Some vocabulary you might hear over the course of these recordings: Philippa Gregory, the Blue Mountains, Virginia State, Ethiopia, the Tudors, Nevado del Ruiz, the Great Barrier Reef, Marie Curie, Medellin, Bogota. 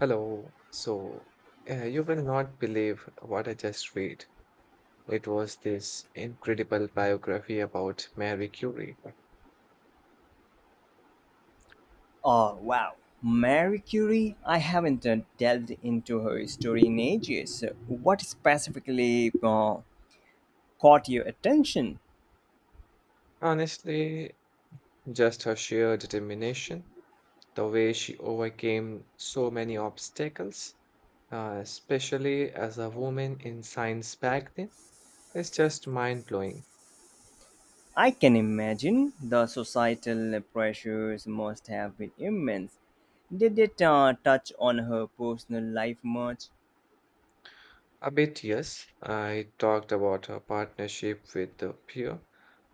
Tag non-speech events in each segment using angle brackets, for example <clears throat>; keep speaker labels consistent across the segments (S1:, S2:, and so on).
S1: Hello. So, you will not believe what I just read. It was this incredible biography about Marie Curie.
S2: Oh, wow. Marie Curie, I haven't delved into her story in ages. What specifically caught your attention?
S1: Honestly, just her sheer determination, the way she overcame so many obstacles, especially as a woman in science back then, is just mind blowing.
S2: I can imagine the societal pressures must have been immense. Did it touch on her personal life much?
S1: A bit, yes, I talked about her partnership with the peer,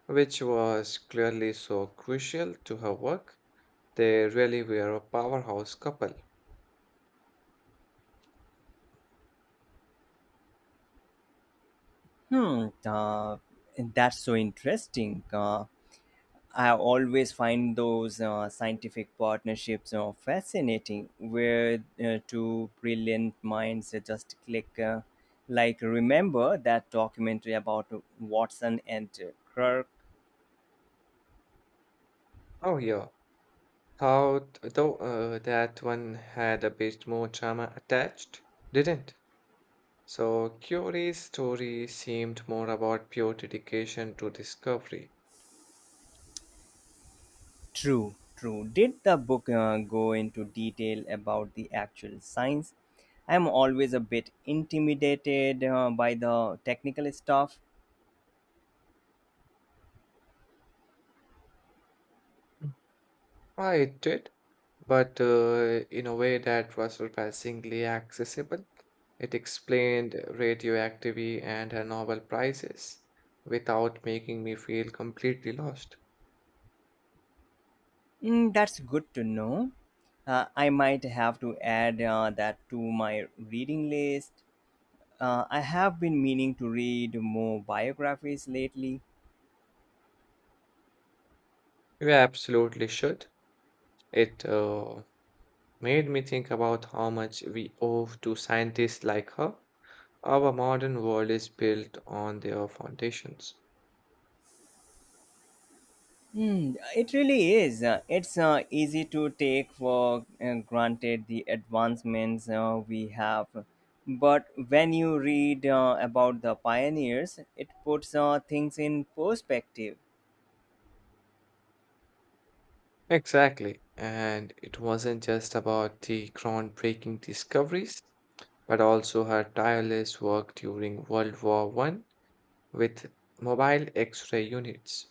S1: which was clearly so crucial to her work. They really were a powerhouse couple.
S2: Hmm, uh, that's so interesting. I always find those scientific partnerships fascinating, where two brilliant minds just click. Like, remember that documentary about Watson and Kirk?
S1: Oh yeah, thought though that one had a bit more drama attached, didn't? So Curie's story seemed more about pure dedication to discovery.
S2: True, true. Did the book go into detail about the actual science? I'm always a bit intimidated by the technical stuff.
S1: Mm. Ah, it did, but in a way that was surprisingly accessible. It explained radioactivity and her Nobel Prizes without making me feel completely lost.
S2: Mm, that's good to know. I might have to add that to my reading list. I have been meaning to read more biographies lately.
S1: You absolutely should. It made me think about how much we owe to scientists like her. Our modern world is built on their foundations.
S2: Mm, it really is. It's easy to take for granted the advancements we have. But when you read about the pioneers, it puts things in perspective.
S1: Exactly. And it wasn't just about the groundbreaking discoveries, but also her tireless work during World War One with mobile X ray units.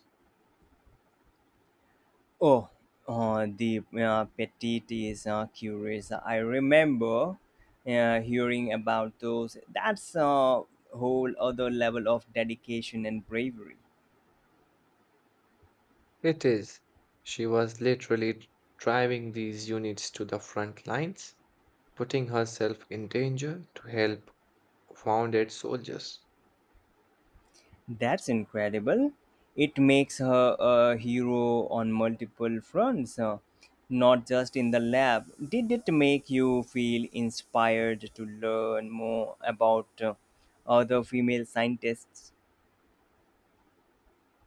S2: Oh, the petite is curious. I remember hearing about those. That's a whole other level of dedication and bravery.
S1: It is. She was literally driving these units to the front lines, putting herself in danger to help wounded soldiers.
S2: That's incredible. It makes her a hero on multiple fronts, not just in the lab. Did it make you feel inspired to learn more about other female scientists?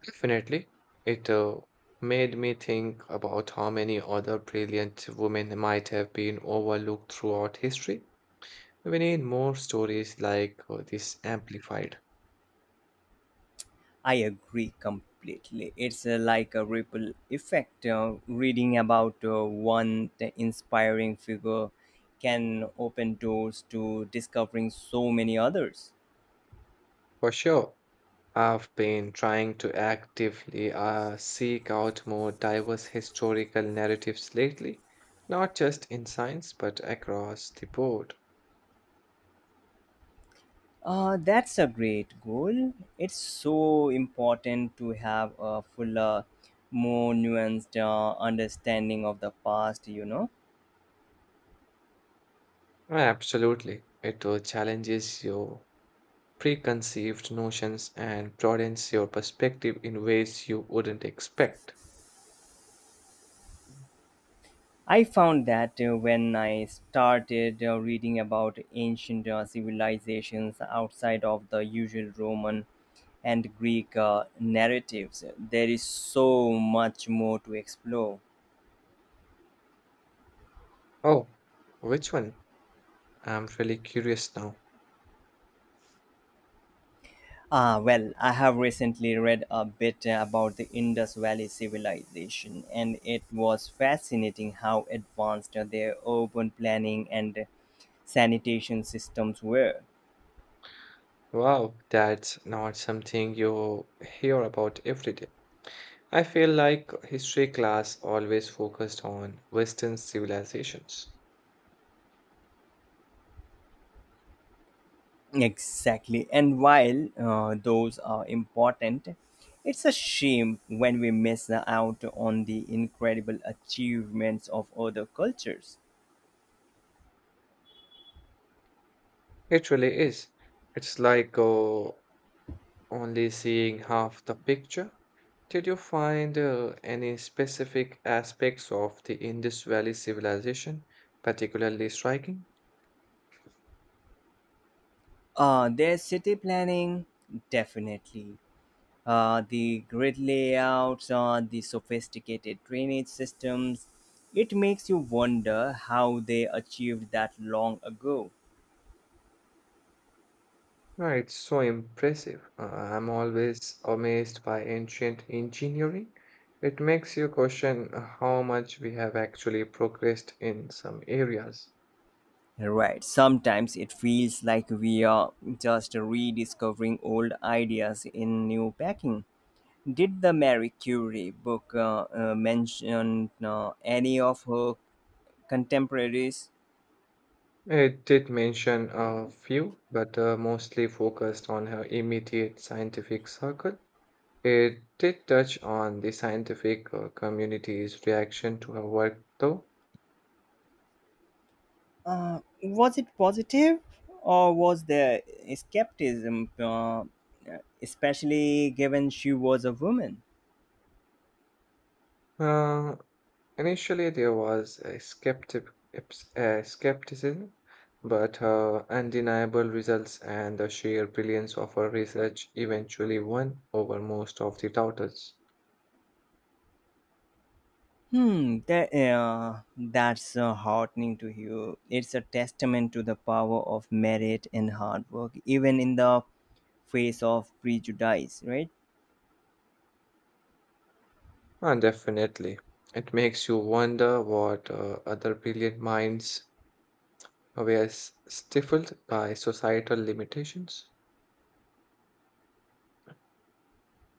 S1: Definitely. It made me think about how many other brilliant women might have been overlooked throughout history. We need more stories like this amplified.
S2: I agree completely. It's like a ripple effect. Reading about one inspiring figure can open doors to discovering so many others.
S1: For sure, I've been trying to actively seek out more diverse historical narratives lately, not just in science, but across the board.
S2: That's a great goal. It's so important to have a fuller, more nuanced understanding of the past.
S1: Absolutely. It challenges you preconceived notions and broadens your perspective in ways you wouldn't expect.
S2: I found that when I started reading about ancient civilizations outside of the usual Roman and Greek narratives, there is so much more to explore.
S1: Oh, which one? I'm really curious now.
S2: Ah, well, I have recently read a bit about the Indus Valley civilization, and it was fascinating how advanced their urban planning and sanitation systems were.
S1: Wow, that's not something you hear about every day. I feel like history class always focused on Western civilizations.
S2: Exactly. And while those are important, it's a shame when we miss out on the incredible achievements of other cultures.
S1: It really is. It's like only seeing half the picture. Did you find any specific aspects of the Indus Valley civilization particularly striking?
S2: Their city planning, definitely. The grid layouts, the sophisticated drainage systems. It makes you wonder how they achieved that long ago.
S1: No, it's so impressive. I'm always amazed by ancient engineering. It makes you question how much we have actually progressed in some areas.
S2: Right. Sometimes it feels like we are just rediscovering old ideas in new packing. Did the Marie Curie book mention any of her contemporaries?
S1: It did mention a few, but mostly focused on her immediate scientific circle. It did touch on the scientific community's reaction to her work, though.
S2: Was it positive or was there skepticism, especially given she was a woman?
S1: Uh, initially, there was a skepticism, but her undeniable results and the sheer brilliance of her research eventually won over most of the doubters.
S2: That, that's heartening to hear. It's a testament to the power of merit and hard work, even in the face of prejudice, right?
S1: Definitely. It makes you wonder what other brilliant minds stifled by societal limitations.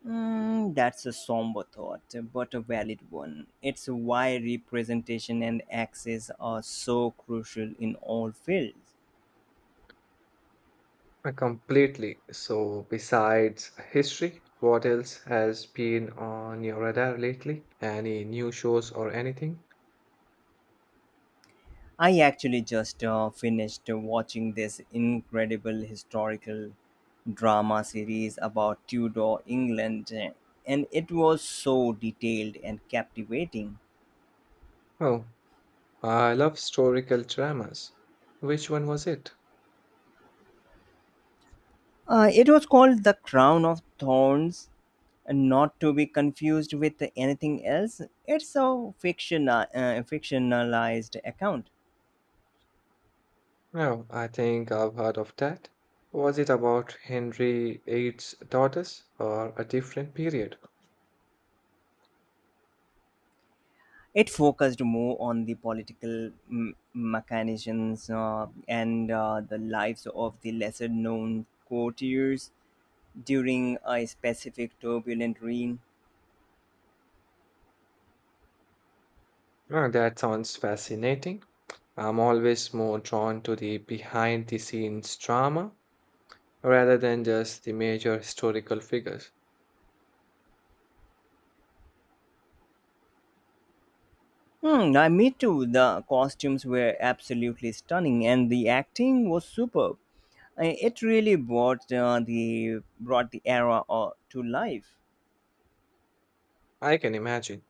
S2: Mm, that's a somber thought, but a valid one. It's why representation and access are so crucial in all fields.
S1: Completely. So, besides history, what else has been on your radar lately? Any new shows or anything?
S2: I actually just finished watching this incredible historical drama series about Tudor England, and it was so detailed and captivating.
S1: Oh, I love historical dramas. Which one was it?
S2: It was called The Crown of Thorns, and not to be confused with anything else. It's a fictionalized account.
S1: Oh, I think I've heard of that. Was it about Henry VIII's daughters or a different period?
S2: It focused more on the political machinations and the lives of the lesser known courtiers during a specific turbulent reign.
S1: Oh, that sounds fascinating. I'm always more drawn to the behind the scenes drama rather than just the major historical figures.
S2: I me too. The costumes were absolutely stunning, and the acting was superb. It really brought the era to life.
S1: I can imagine.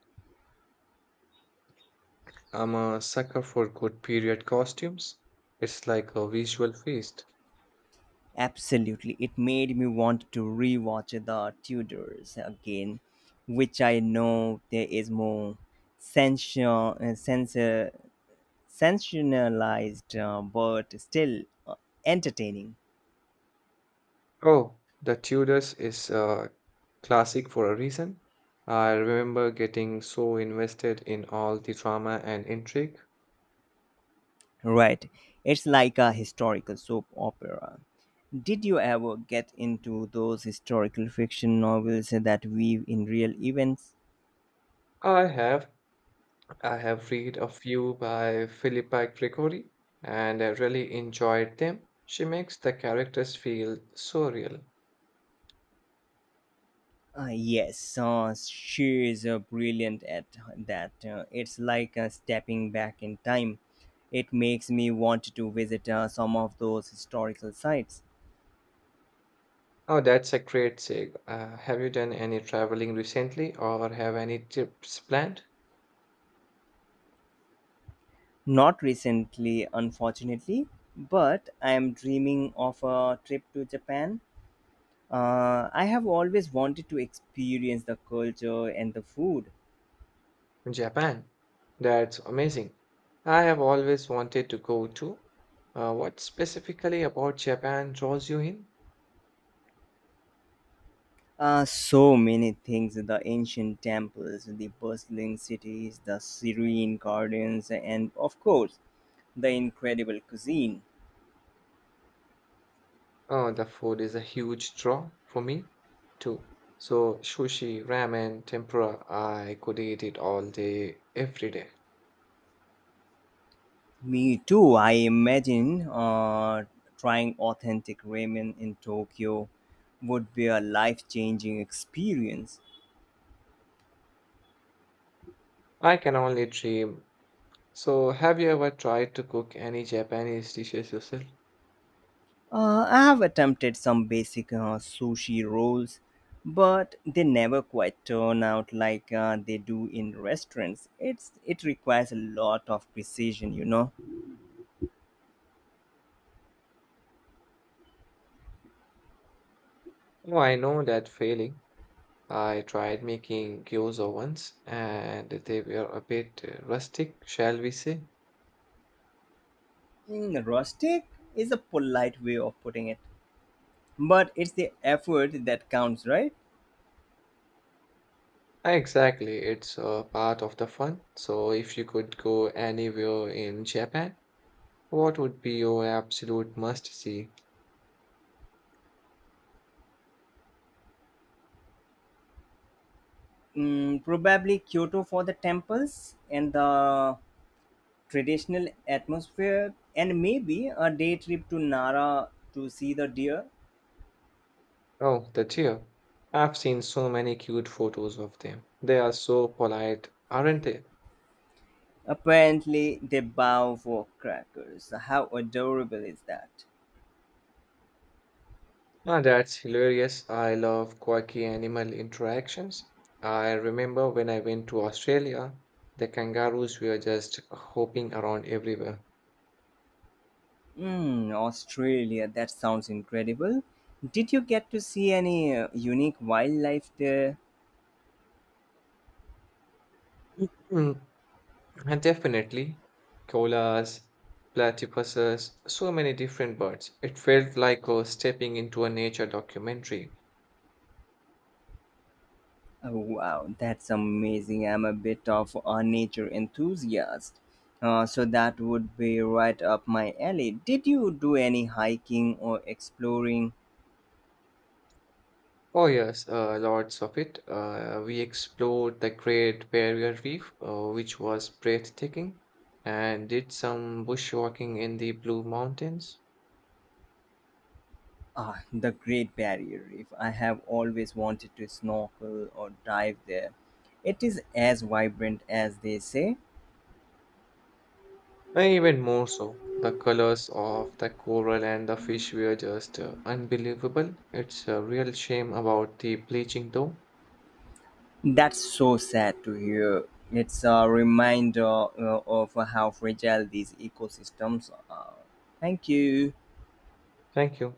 S1: I'm a sucker for good period costumes. It's like a visual feast.
S2: Absolutely. It made me want to rewatch The Tudors again, which I know there is more sensationalized, but still entertaining.
S1: Oh, the Tudors is a classic for a reason. I remember getting so invested in all the drama and intrigue.
S2: Right. It's like a historical soap opera. Did you ever get into those historical fiction novels that weave in real events?
S1: I have I have read a few by Philippa Gregory and I really enjoyed them. She makes the characters feel so real.
S2: Yes, she is brilliant at that. It's like stepping back in time. It makes me want to visit some of those historical sites.
S1: Oh, that's a great sig. Have you done any traveling recently or have any trips planned?
S2: Not recently, unfortunately, but I am dreaming of a trip to Japan. I have always wanted to experience the culture and the food.
S1: Japan. That's amazing. I have always wanted to go to. What specifically about Japan draws you in?
S2: So many things the ancient temples, the bustling cities, the serene gardens, and of course, The Incredible Cuisine.
S1: The food is a huge draw for me too. So sushi, ramen, tempura, I could eat it all day, every day.
S2: Me too. I imagine trying authentic ramen in Tokyo would be a life changing experience.
S1: I can only dream. So have you ever tried to cook any Japanese dishes yourself?
S2: I have attempted some basic sushi rolls, but they never quite turn out like they do in restaurants. It requires a lot of precision.
S1: Oh, I know that feeling. I tried making gyoza once and they were a bit rustic, shall we say?
S2: Mm, rustic is a polite way of putting it, but it's the effort that counts, right?
S1: Exactly, it's a part of the fun. So, if you could go anywhere in Japan, what would be your absolute must see?
S2: Mm, probably Kyoto for the temples and the traditional atmosphere, and maybe a day trip to Nara to see the deer.
S1: Oh, the deer. I've seen so many cute photos of them. They are so polite, aren't they?
S2: Apparently, they bow for crackers. How adorable is that?
S1: Ah, that's hilarious. I love quirky animal interactions. I remember when I went to Australia, the kangaroos were just hopping around everywhere.
S2: Mm, Australia, that sounds incredible. Did you get to see any unique wildlife there?
S1: <clears throat> And definitely, koalas, platypuses, so many different birds. It felt like stepping into a nature documentary.
S2: Oh, wow, that's amazing. I'm a bit of a nature enthusiast. So that would be right up my alley. Did you do any hiking or exploring
S1: Oh yes, lots of it. We explored the Great Barrier Reef, which was breathtaking, and did some bushwalking in the Blue Mountains.
S2: ah, the Great Barrier Reef? I have always wanted to snorkel or dive there. It is as vibrant as they say.
S1: And even more so, the colors of the coral and the fish were just unbelievable. It's a real shame about the bleaching, though.
S2: That's so sad to hear. It's a reminder of how fragile these ecosystems are. Thank you.
S1: Thank you.